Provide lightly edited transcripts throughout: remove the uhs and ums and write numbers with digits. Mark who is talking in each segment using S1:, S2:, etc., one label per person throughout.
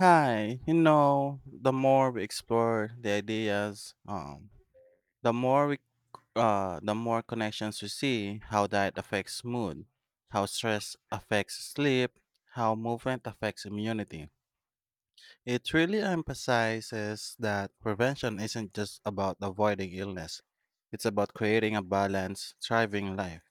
S1: Hi, the more we explore the ideas, the more we, the more connections we see, how diet affects mood, how stress affects sleep, how movement affects immunity. It really emphasizes that prevention isn't just about avoiding illness. It's about creating a balanced, thriving life.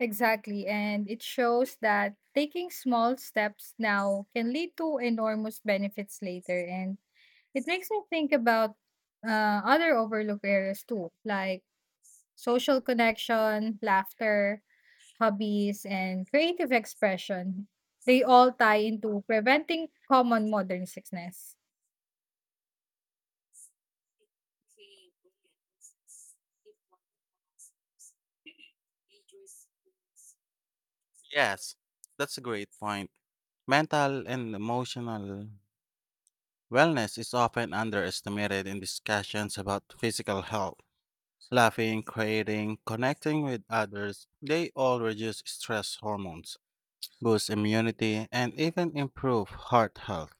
S2: Exactly. And it shows that taking small steps now can lead to enormous benefits later. And it makes me think about other overlooked areas too, like social connection, laughter, hobbies, and creative expression. They all tie into preventing common modern sickness.
S1: Yes, that's a great point. Mental and emotional wellness is often underestimated in discussions about physical health. Laughing, creating, connecting with others, they all reduce stress hormones, boost immunity, and even improve heart health.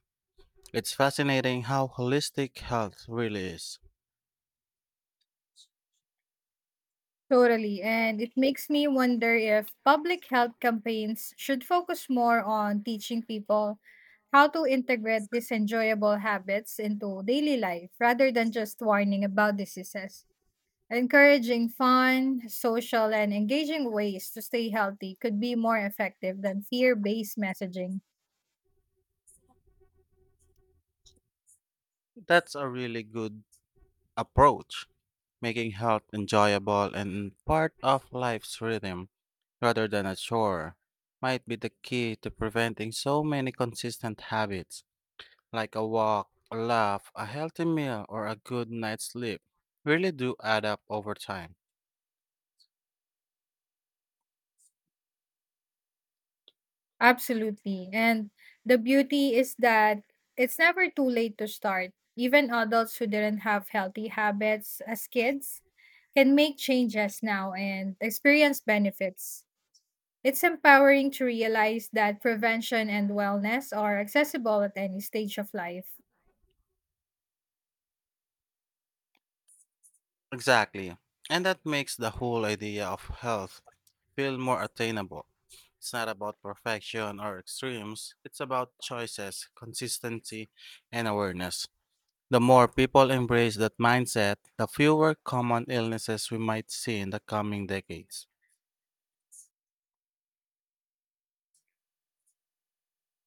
S1: It's fascinating how holistic health really is.
S2: Totally. And it makes me wonder if public health campaigns should focus more on teaching people how to integrate these enjoyable habits into daily life rather than just warning about diseases. Encouraging fun, social, and engaging ways to stay healthy could be more effective than fear based messaging.
S1: That's a really good approach, making health enjoyable and part of life's rhythm, rather than a chore might be the key to preventing so many consistent habits like a walk, a laugh, a healthy meal, or a good night's sleep really do add up over time.
S2: Absolutely. And the beauty is that it's never too late to start. Even adults who didn't have healthy habits as kids can make changes now and experience benefits. It's empowering to realize that prevention and wellness are accessible at any stage of life.
S1: Exactly. And that makes the whole idea of health feel more attainable. It's not about perfection or extremes, it's about choices, consistency, and awareness. The more people embrace that mindset, the fewer common illnesses we might see in the coming decades.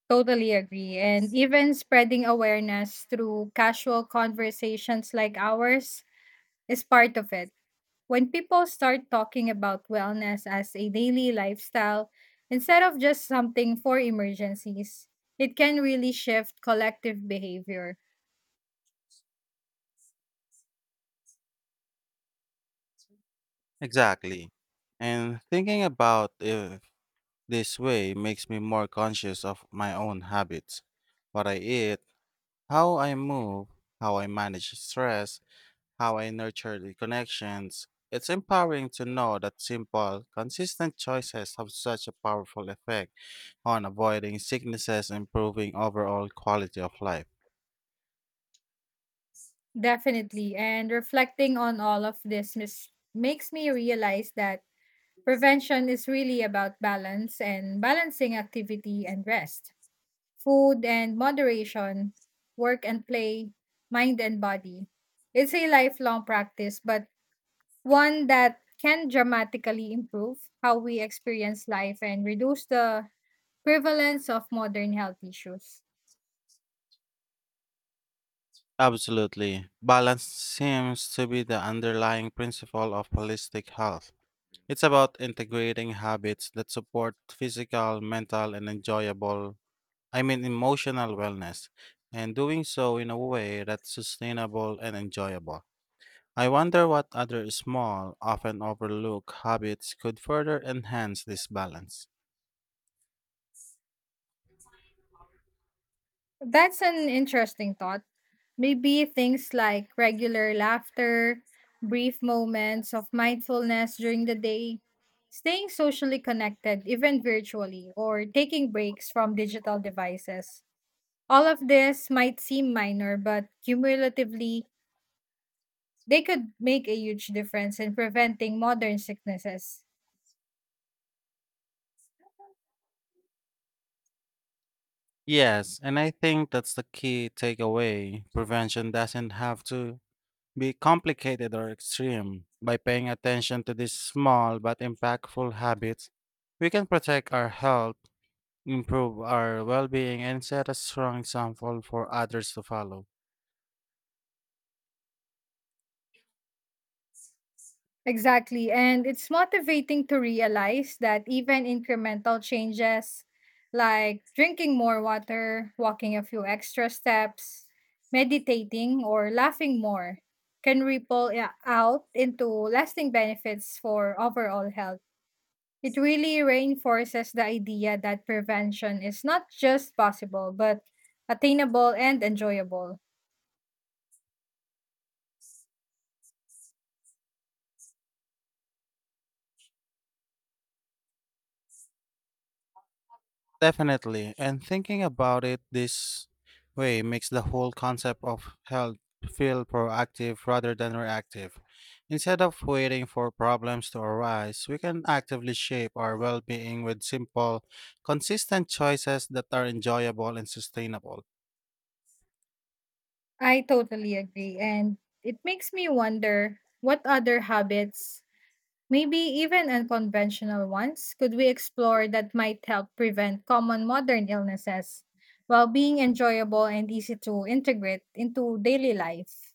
S2: Totally agree. And even spreading awareness through casual conversations like ours is part of it. When people start talking about wellness as a daily lifestyle instead of just something for emergencies, it can really shift collective behavior.
S1: Exactly. And thinking about it this way makes me more conscious of my own habits, what I eat, how I move, how I manage stress, how I nurture the connections. It's empowering to know that simple, consistent choices have such a powerful effect on avoiding sicknesses and improving overall quality of life.
S2: Definitely. And reflecting on all of this makes me realize that prevention is really about balance and balancing activity and rest, food and moderation, work and play, mind and body. It's a lifelong practice, but one that can dramatically improve how we experience life and reduce the prevalence of modern health issues.
S1: Absolutely. Balance seems to be the underlying principle of holistic health. It's about integrating habits that support physical, mental, and enjoyable, I mean, emotional wellness, and doing so in a way that's sustainable and enjoyable. I wonder what other small, often overlooked habits could further enhance this balance.
S2: That's an interesting thought. Maybe things like regular laughter, brief moments of mindfulness during the day, staying socially connected, even virtually, or taking breaks from digital devices. All of this might seem minor, but cumulatively, they could make a huge difference in preventing modern sicknesses.
S1: Yes, and I think that's the key takeaway. Prevention doesn't have to be complicated or extreme. By paying attention to these small but impactful habits, we can protect our health, improve our well being and set a strong example for others to follow.
S2: Exactly. And it's motivating to realize that even incremental changes like drinking more water, walking a few extra steps, meditating, or laughing more can ripple out into lasting benefits for overall health. It really reinforces the idea that prevention is not just possible, but attainable and enjoyable.
S1: Definitely. And thinking about it this way makes the whole concept of health feel proactive rather than reactive. Instead of waiting for problems to arise, we can actively shape our well being with simple, consistent choices that are enjoyable and sustainable.
S2: I totally agree. And it makes me wonder what other habits maybe even unconventional ones could we explore that might help prevent common modern illnesses while being enjoyable and easy to integrate into daily life.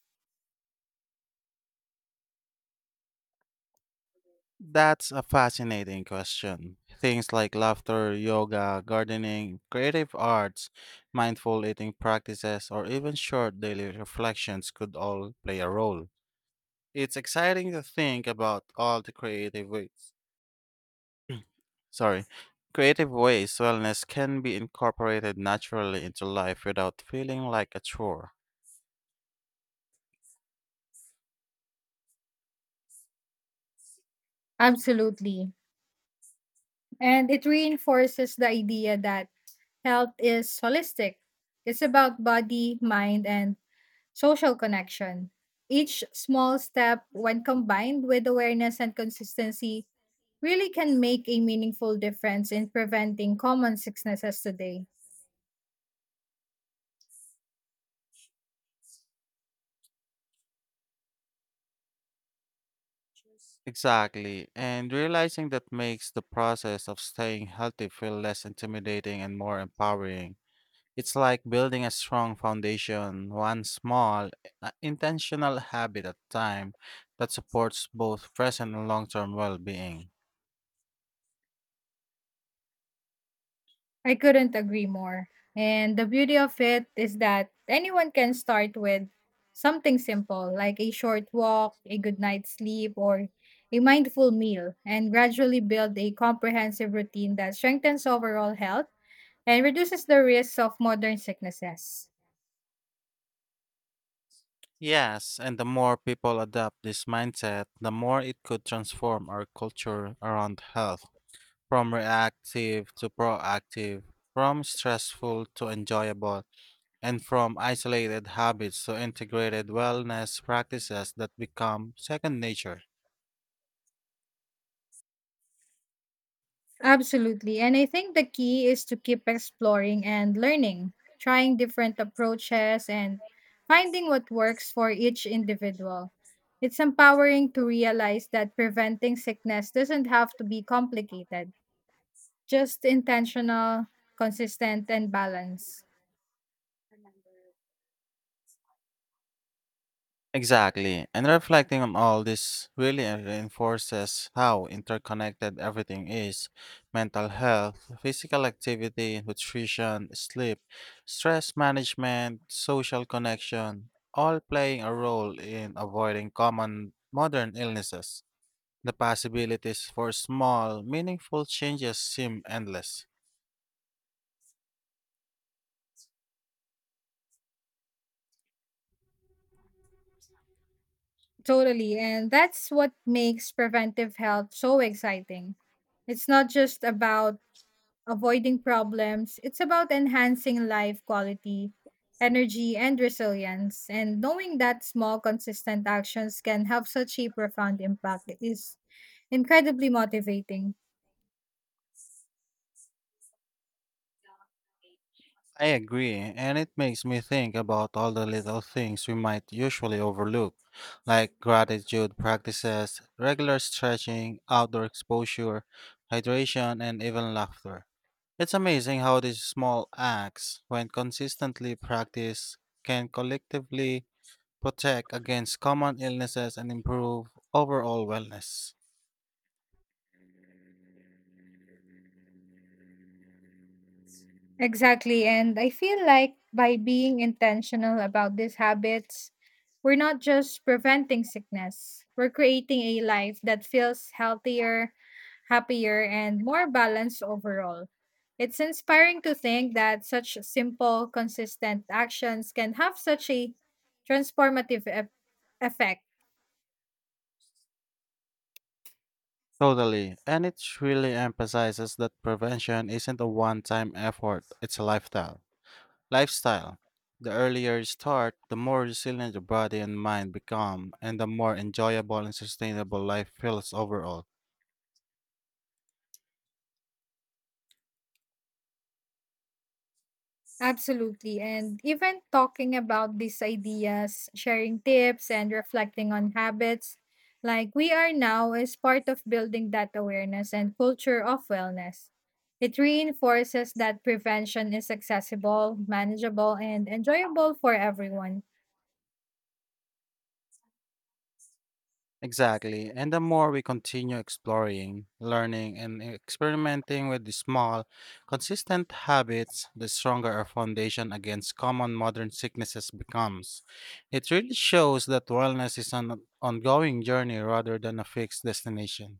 S1: That's a fascinating question. Things like laughter, yoga, gardening, creative arts, mindful eating practices, or even short daily reflections could all play a role. It's exciting to think about all the creative ways. Sorry. Creative ways wellness can be incorporated naturally into life without feeling like a chore.
S2: Absolutely. And it reinforces the idea that health is holistic. It's about body, mind, and social connection. Each small step, when combined with awareness and consistency, really can make a meaningful difference in preventing common sicknesses today.
S1: Exactly, and realizing that makes the process of staying healthy feel less intimidating and more empowering. It's like building a strong foundation, one small, intentional habit at a time that supports both present and long term well being.
S2: I couldn't agree more. And the beauty of it is that anyone can start with something simple, like a short walk, a good night's sleep, or a mindful meal, and gradually build a comprehensive routine that strengthens overall health and reduces the risks of modern sicknesses.
S1: Yes, and the more people adopt this mindset, the more it could transform our culture around health from reactive to proactive, from stressful to enjoyable, and from isolated habits to integrated wellness practices that become second nature.
S2: Absolutely. And I think the key is to keep exploring and learning, trying different approaches and finding what works for each individual. It's empowering to realize that preventing sickness doesn't have to be complicated, just intentional, consistent, and balanced.
S1: Exactly. And reflecting on all this really reinforces how interconnected everything is: mental health, physical activity, nutrition, sleep, stress management, social connection, all playing a role in avoiding common modern illnesses. The possibilities for small, meaningful changes seem endless.
S2: Totally. And that's what makes preventive health so exciting. It's not just about avoiding problems. It's about enhancing life quality, energy, and resilience. And knowing that small, consistent actions can have such a profound impact is incredibly motivating.
S1: I agree, and it makes me think about all the little things we might usually overlook like gratitude practices, regular stretching, outdoor exposure, hydration, and even laughter. It's amazing how these small acts, when consistently practiced, can collectively protect against common illnesses and improve overall wellness.
S2: Exactly. And I feel like by being intentional about these habits, we're not just preventing sickness, we're creating a life that feels healthier, happier, and more balanced overall. It's inspiring to think that such simple, consistent actions can have such a transformative effect.
S1: Totally. And it really emphasizes that prevention isn't a one time effort, it's a lifestyle. Lifestyle. The earlier you start, the more resilient your body and mind become, and the more enjoyable and sustainable life feels overall.
S2: Absolutely. And even talking about these ideas, sharing tips, and reflecting on habits like we are now is part of building that awareness and culture of wellness. It reinforces that prevention is accessible, manageable, and enjoyable for everyone.
S1: Exactly. And the more we continue exploring, learning, and experimenting with the small, consistent habits, the stronger our foundation against common modern sicknesses becomes. It really shows that wellness is an ongoing journey rather than a fixed destination.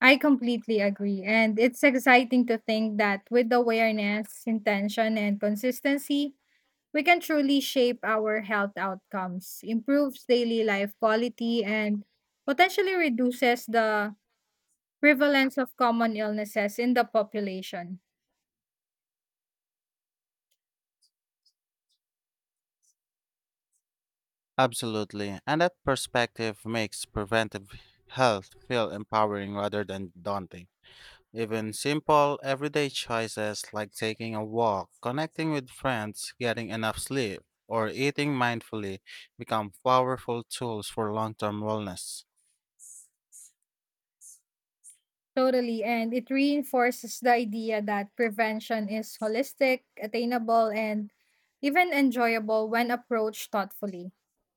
S2: I completely agree. And it's exciting to think that with awareness, intention, and consistency, we can truly shape our health outcomes, improves daily life quality, and potentially reduces the prevalence of common illnesses in the population.
S1: Absolutely. And that perspective makes preventive health feel empowering rather than daunting. Even simple, everyday choices like taking a walk, connecting with friends, getting enough sleep, or eating mindfully become powerful tools for long term wellness.
S2: Totally. And it reinforces the idea that prevention is holistic, attainable, and even enjoyable when approached thoughtfully.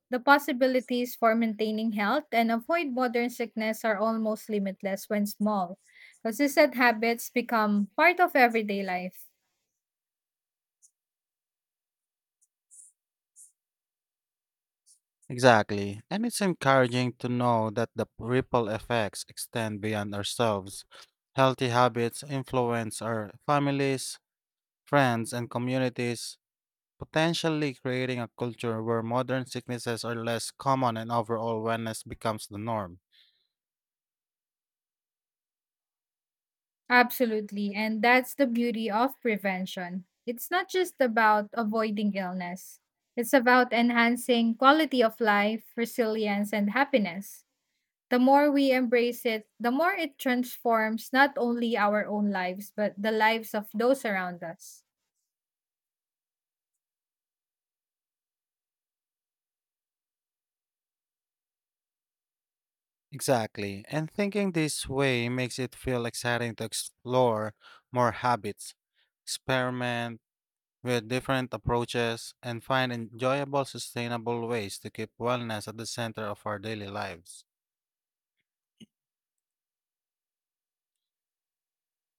S2: The possibilities for maintaining health and avoid modern sickness are almost limitless when small. Consistent habits become part of everyday life.
S1: Exactly. And it's encouraging to know that the ripple effects extend beyond ourselves. Healthy habits influence our families, friends, and communities, potentially creating a culture where modern sicknesses are less common and overall wellness becomes the norm.
S2: Absolutely. And that's the beauty of prevention. It's not just about avoiding illness, it's about enhancing quality of life, resilience, and happiness. The more we embrace it, the more it transforms not only our own lives, but the lives of those around us.
S1: Exactly. And thinking this way makes it feel exciting to explore more habits, experiment with different approaches, and find enjoyable, sustainable ways to keep wellness at the center of our daily lives.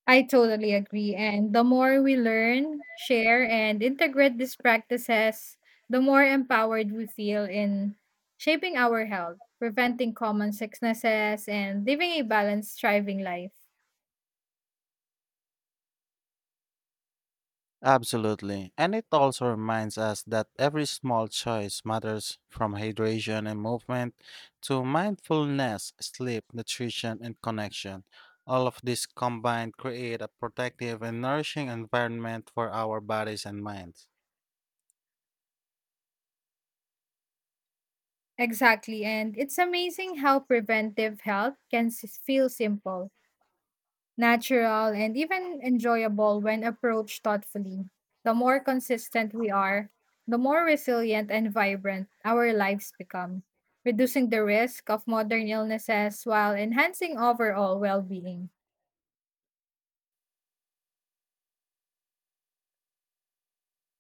S2: I totally agree. And the more we learn, share, and integrate these practices, the more empowered we feel in shaping our health, preventing common sicknesses, and living a balanced, thriving life.
S1: Absolutely. And it also reminds us that every small choice matters, from hydration and movement to mindfulness, sleep, nutrition, and connection. All of these combined create a protective and nourishing environment for our bodies and minds.
S2: Exactly. And it's amazing how preventive health can feel simple, natural, and even enjoyable when approached thoughtfully. The more consistent we are, the more resilient and vibrant our lives become, reducing the risk of modern illnesses while enhancing overall well being.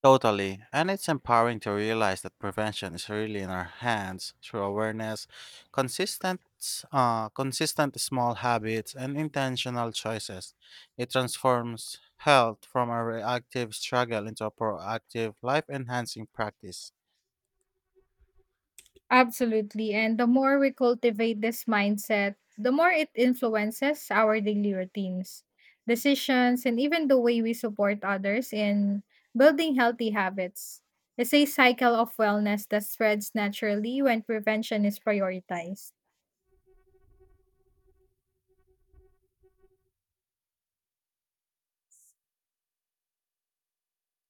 S1: Totally. And it's empowering to realize that prevention is really in our hands through awareness, consistent consistent small habits and intentional choices. It transforms health from a reactive struggle into a proactive life enhancing practice.
S2: Absolutely. And the more we cultivate this mindset, the more it influences our daily routines, decisions, and even the way we support others in building healthy habits. It's a cycle of wellness that spreads naturally when prevention is prioritized.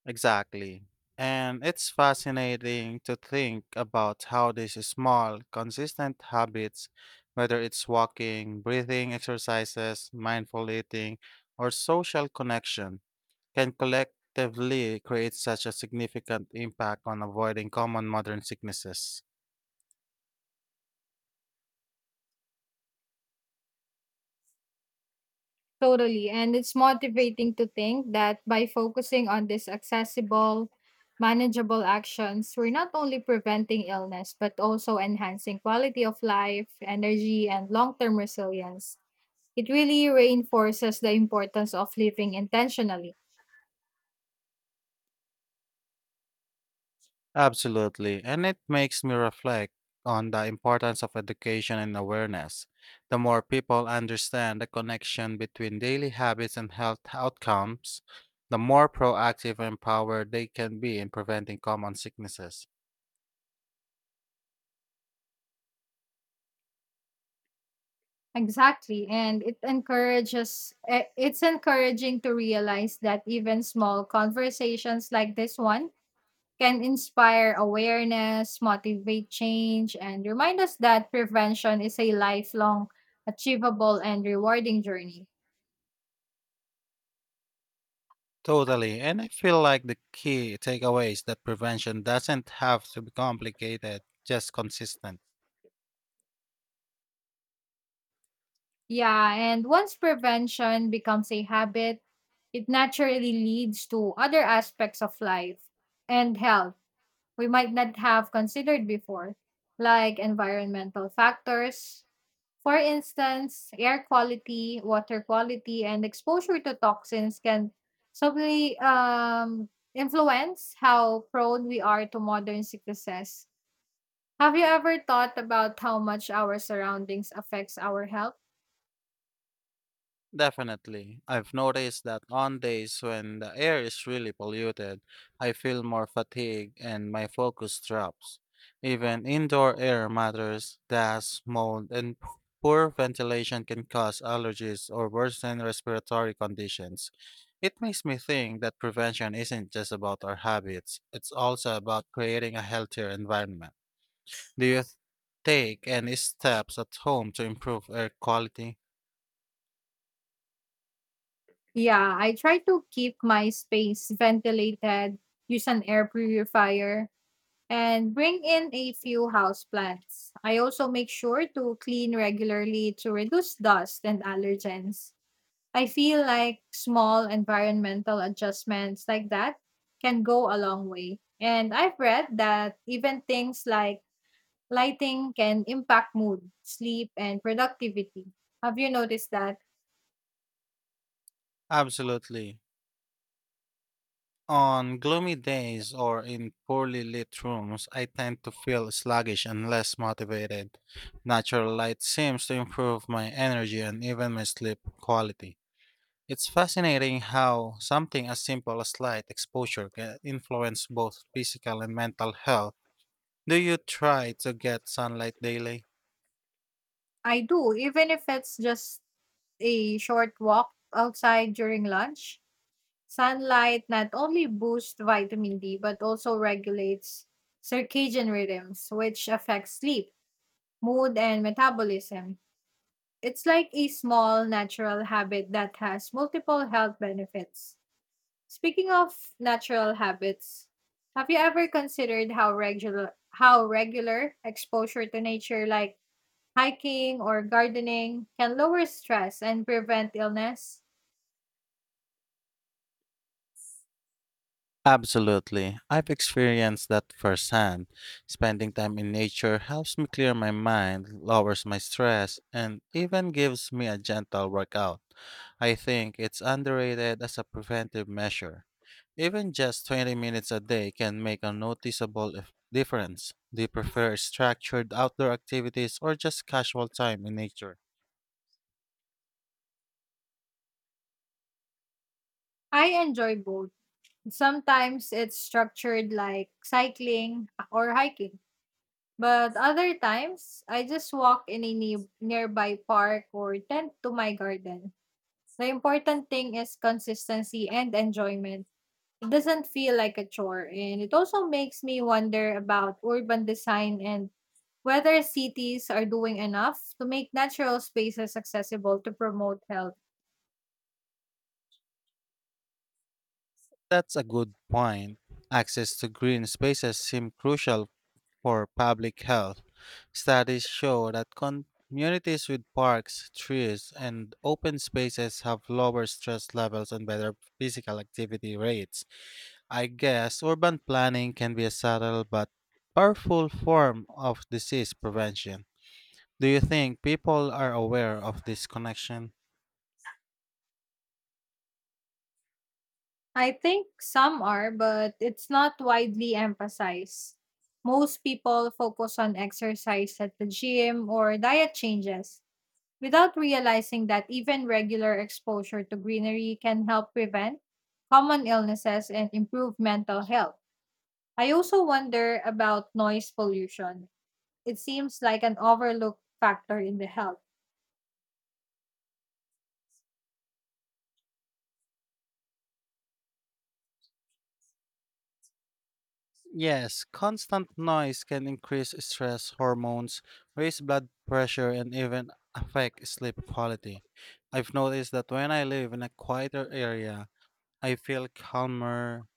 S1: Exactly. And it's fascinating to think about how these small, consistent habits, whether it's walking, breathing exercises, mindful eating, or social connection, can collectively create such a significant impact on avoiding common modern sicknesses.
S2: Totally. And it's motivating to think that by focusing on these accessible, manageable actions, we're not only preventing illness, but also enhancing quality of life, energy, and long term resilience. It really reinforces the importance of living intentionally.
S1: Absolutely, and it makes me reflect on the importance of education and awareness. The more people understand the connection between daily habits and health outcomes, the more proactive and empowered they can be in preventing common sicknesses.
S2: Exactly, and it encourages it's encouraging to realize that even small conversations like this one can inspire awareness, motivate change, and remind us that prevention is a lifelong, achievable and rewarding journey.
S1: Totally, and I feel like the key takeaway is that prevention doesn't have to be complicated, just consistent.
S2: Yeah, and once prevention becomes a habit, it naturally leads to other aspects of life and health we might not have considered before, like environmental factors. For instance, air quality, water quality, and exposure to toxins can certainly influence how prone we are to modern sicknesses. Have you ever thought about how much our surroundings affects our health?
S1: Definitely. I've noticed that on days when the air is really polluted, I feel more fatigue and my focus drops. Even indoor air matters, dust, mold, and poor ventilation can cause allergies or worsen respiratory conditions. It makes me think that prevention isn't just about our habits, it's also about creating a healthier environment. Do you take any steps at home to improve air quality?
S2: Yeah, I try to keep my space ventilated, use an air purifier, and bring in a few houseplants. I also make sure to clean regularly to reduce dust and allergens. I feel like small environmental adjustments like that can go a long way. And I've read that even things like lighting can impact mood, sleep, and productivity. Have you noticed that?
S1: Absolutely. On gloomy days or in poorly lit rooms, I tend to feel sluggish and less motivated. Natural light seems to improve my energy and even my sleep quality. It's fascinating how something as simple as light exposure can influence both physical and mental health. Do you try to get sunlight daily?
S2: I do, even if it's just a short walk outside during lunch. Sunlight not only boosts vitamin D but also regulates circadian rhythms, which affects sleep, mood, and metabolism. It's like a small natural habit that has multiple health benefits. Speaking of natural habits, have you ever considered how regular exposure to nature like hiking or gardening can lower stress and prevent illness?
S1: Absolutely. I've experienced that firsthand. Spending time in nature helps me clear my mind, lowers my stress, and even gives me a gentle workout. I think it's underrated as a preventive measure. Even just 20 minutes a day can make a noticeable difference. Do you prefer structured outdoor activities or just casual time in nature?
S2: I enjoy both. Sometimes it's structured like cycling or hiking. But other times, I just walk in a nearby park or tend to my garden. The important thing is consistency and enjoyment. It doesn't feel like a chore, and it also makes me wonder about urban design and whether cities are doing enough to make natural spaces accessible to promote health.
S1: That's a good point. Access to green spaces seem crucial for public health. Studies show that communities with parks, trees, and open spaces have lower stress levels and better physical activity rates. I guess urban planning can be a subtle but powerful form of disease prevention. Do you think people are aware of this connection?
S2: I think some are, but it's not widely emphasized. Most people focus on exercise at the gym or diet changes without realizing that even regular exposure to greenery can help prevent common illnesses and improve mental health. I also wonder about noise pollution. It seems like an overlooked factor in the health.
S1: Yes, constant noise can increase stress hormones, raise blood pressure, and even affect sleep quality. I've noticed that when I live in a quieter area, I feel calmer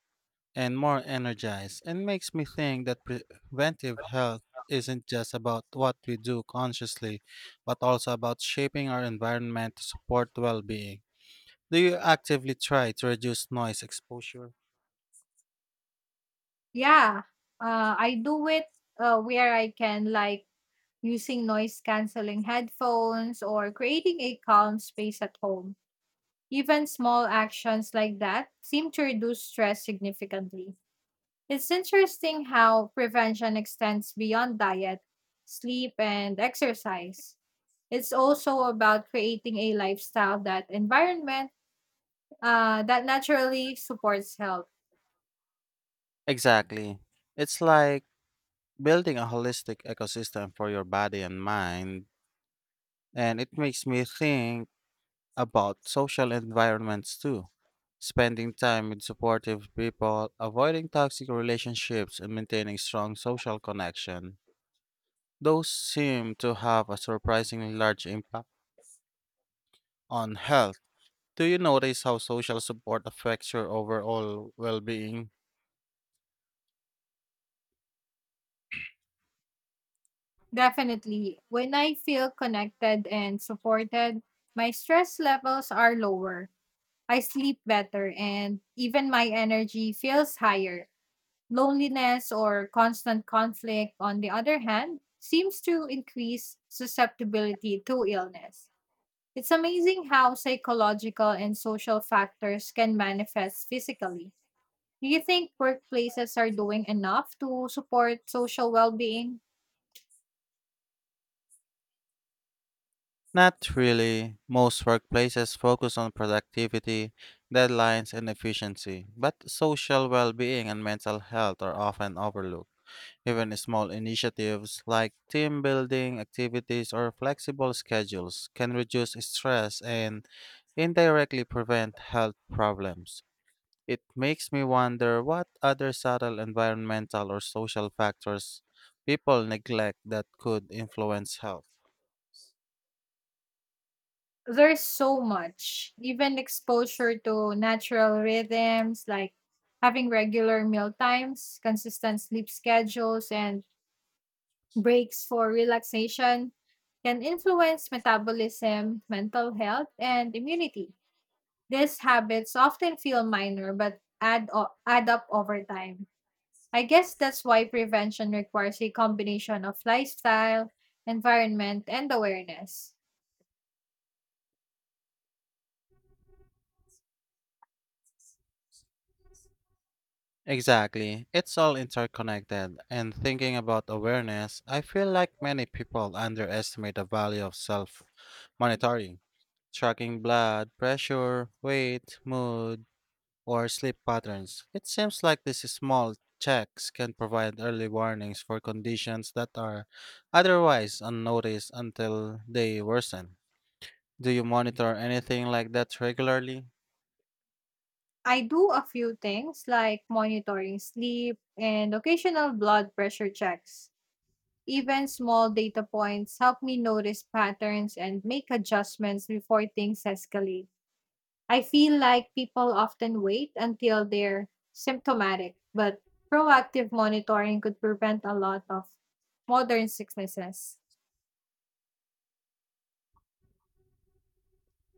S1: and more energized, and makes me think that preventive health isn't just about what we do consciously, but also about shaping our environment to support well being. Do you actively try to reduce noise exposure?
S2: Yeah, I do it where I can, like using noise canceling headphones, or creating a calm space at home. Even small actions like that seem to reduce stress significantly. It's interesting how prevention extends beyond diet, sleep, and exercise. It's also about creating a lifestyle that environment that naturally supports health.
S1: Exactly. It's like building a holistic ecosystem for your body and mind. And it makes me think about social environments too. Spending time with supportive people, avoiding toxic relationships, and maintaining strong social connection. Those seem to have a surprisingly large impact on health. Do you notice how social support affects your overall well being?
S2: Definitely, when I feel connected and supported, my stress levels are lower, I sleep better and even my energy feels higher. Loneliness or constant conflict, on the other hand, seems to increase susceptibility to illness. It's amazing how psychological and social factors can manifest physically. Do you think workplaces are doing enough to support social well being?
S1: Not really. Most workplaces focus on productivity, deadlines, and efficiency, but social well being and mental health are often overlooked. Even small initiatives like team building activities or flexible schedules can reduce stress and indirectly prevent health problems. It makes me wonder what other subtle environmental or social factors people neglect that could influence health.
S2: There's so much, even exposure to natural rhythms like having regular meal times, consistent sleep schedules, and breaks for relaxation can influence metabolism, mental health, and immunity. These habits often feel minor but add up over time. I guess that's why prevention requires a combination of lifestyle, environment, and awareness.
S1: Exactly. It's all interconnected. And thinking about awareness, I feel like many people underestimate the value of self monitoring, tracking blood pressure, weight, mood, or sleep patterns. It seems like these small checks can provide early warnings for conditions that are otherwise unnoticed until they worsen. Do you monitor anything like that regularly?
S2: I do a few things like monitoring sleep and occasional blood pressure checks. Even small data points help me notice patterns and make adjustments before things escalate. I feel like people often wait until they're symptomatic, but proactive monitoring could prevent a lot of modern sicknesses.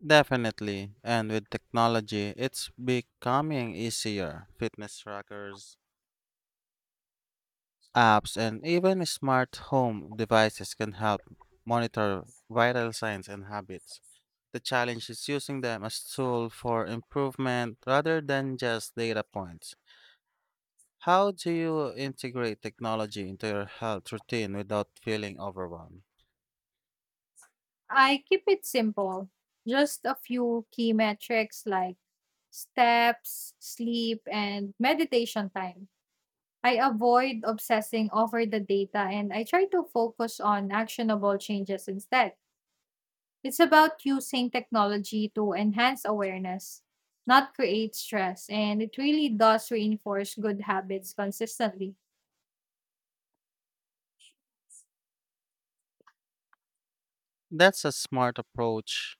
S1: Definitely. And with technology, it's becoming easier. Fitness trackers, apps, and even smart home devices can help monitor vital signs and habits. The challenge is using them as tool for improvement rather than just data points. How do you integrate technology into your health routine without feeling overwhelmed?
S2: I keep it simple, just a few key metrics like steps, sleep, and meditation time. I avoid obsessing over the data and I try to focus on actionable changes instead. It's about using technology to enhance awareness, not create stress. And it really does reinforce good habits consistently.
S1: That's a smart approach.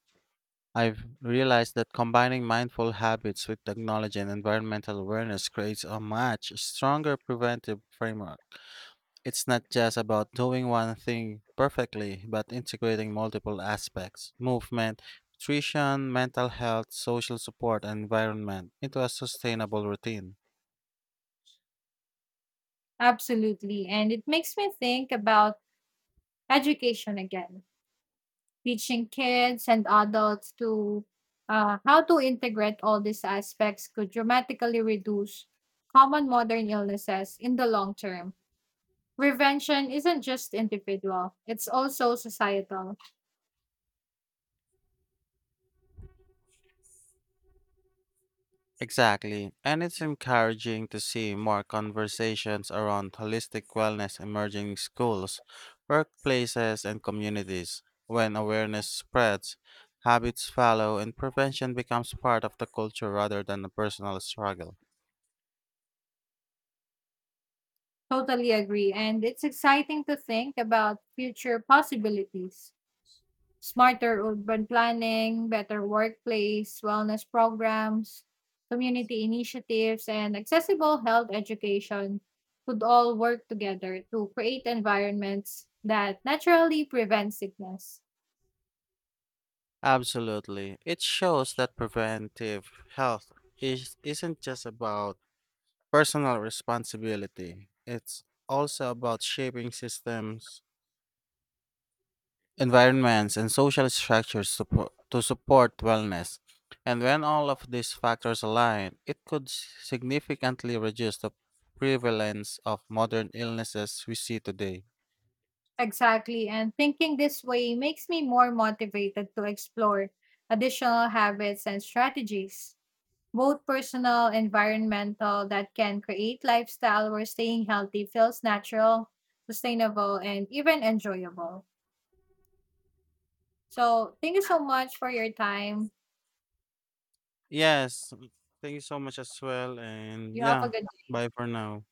S1: I've realized that combining mindful habits with technology and environmental awareness creates a much stronger preventive framework. It's not just about doing one thing perfectly, but integrating multiple aspects: movement, nutrition, mental health, social support, and environment into a sustainable routine.
S2: Absolutely. And it makes me think about education again, teaching kids and adults to how to integrate all these aspects could dramatically reduce common modern illnesses in the long term. Prevention isn't just individual, it's also societal.
S1: Exactly. And it's encouraging to see more conversations around holistic wellness emerging in schools, workplaces, and communities. When awareness spreads, habits follow, and prevention becomes part of the culture rather than a personal struggle.
S2: Totally agree. And it's exciting to think about future possibilities: smarter urban planning, better workplace, wellness programs, community initiatives, and accessible health education could all work together to create environments that naturally prevent sickness.
S1: Absolutely. It shows that preventive health isn't just about personal responsibility, it's also about shaping systems, environments, and social structures to support wellness. And when all of these factors align, it could significantly reduce the prevalence of modern illnesses we see today.
S2: Exactly. And thinking this way makes me more motivated to explore additional habits and strategies, both personal, environmental, that can create lifestyle where staying healthy feels natural, sustainable, and even enjoyable. So thank you so much for your time.
S1: Yes, thank you so much as well. And
S2: You have a
S1: yeah,
S2: good
S1: bye for now.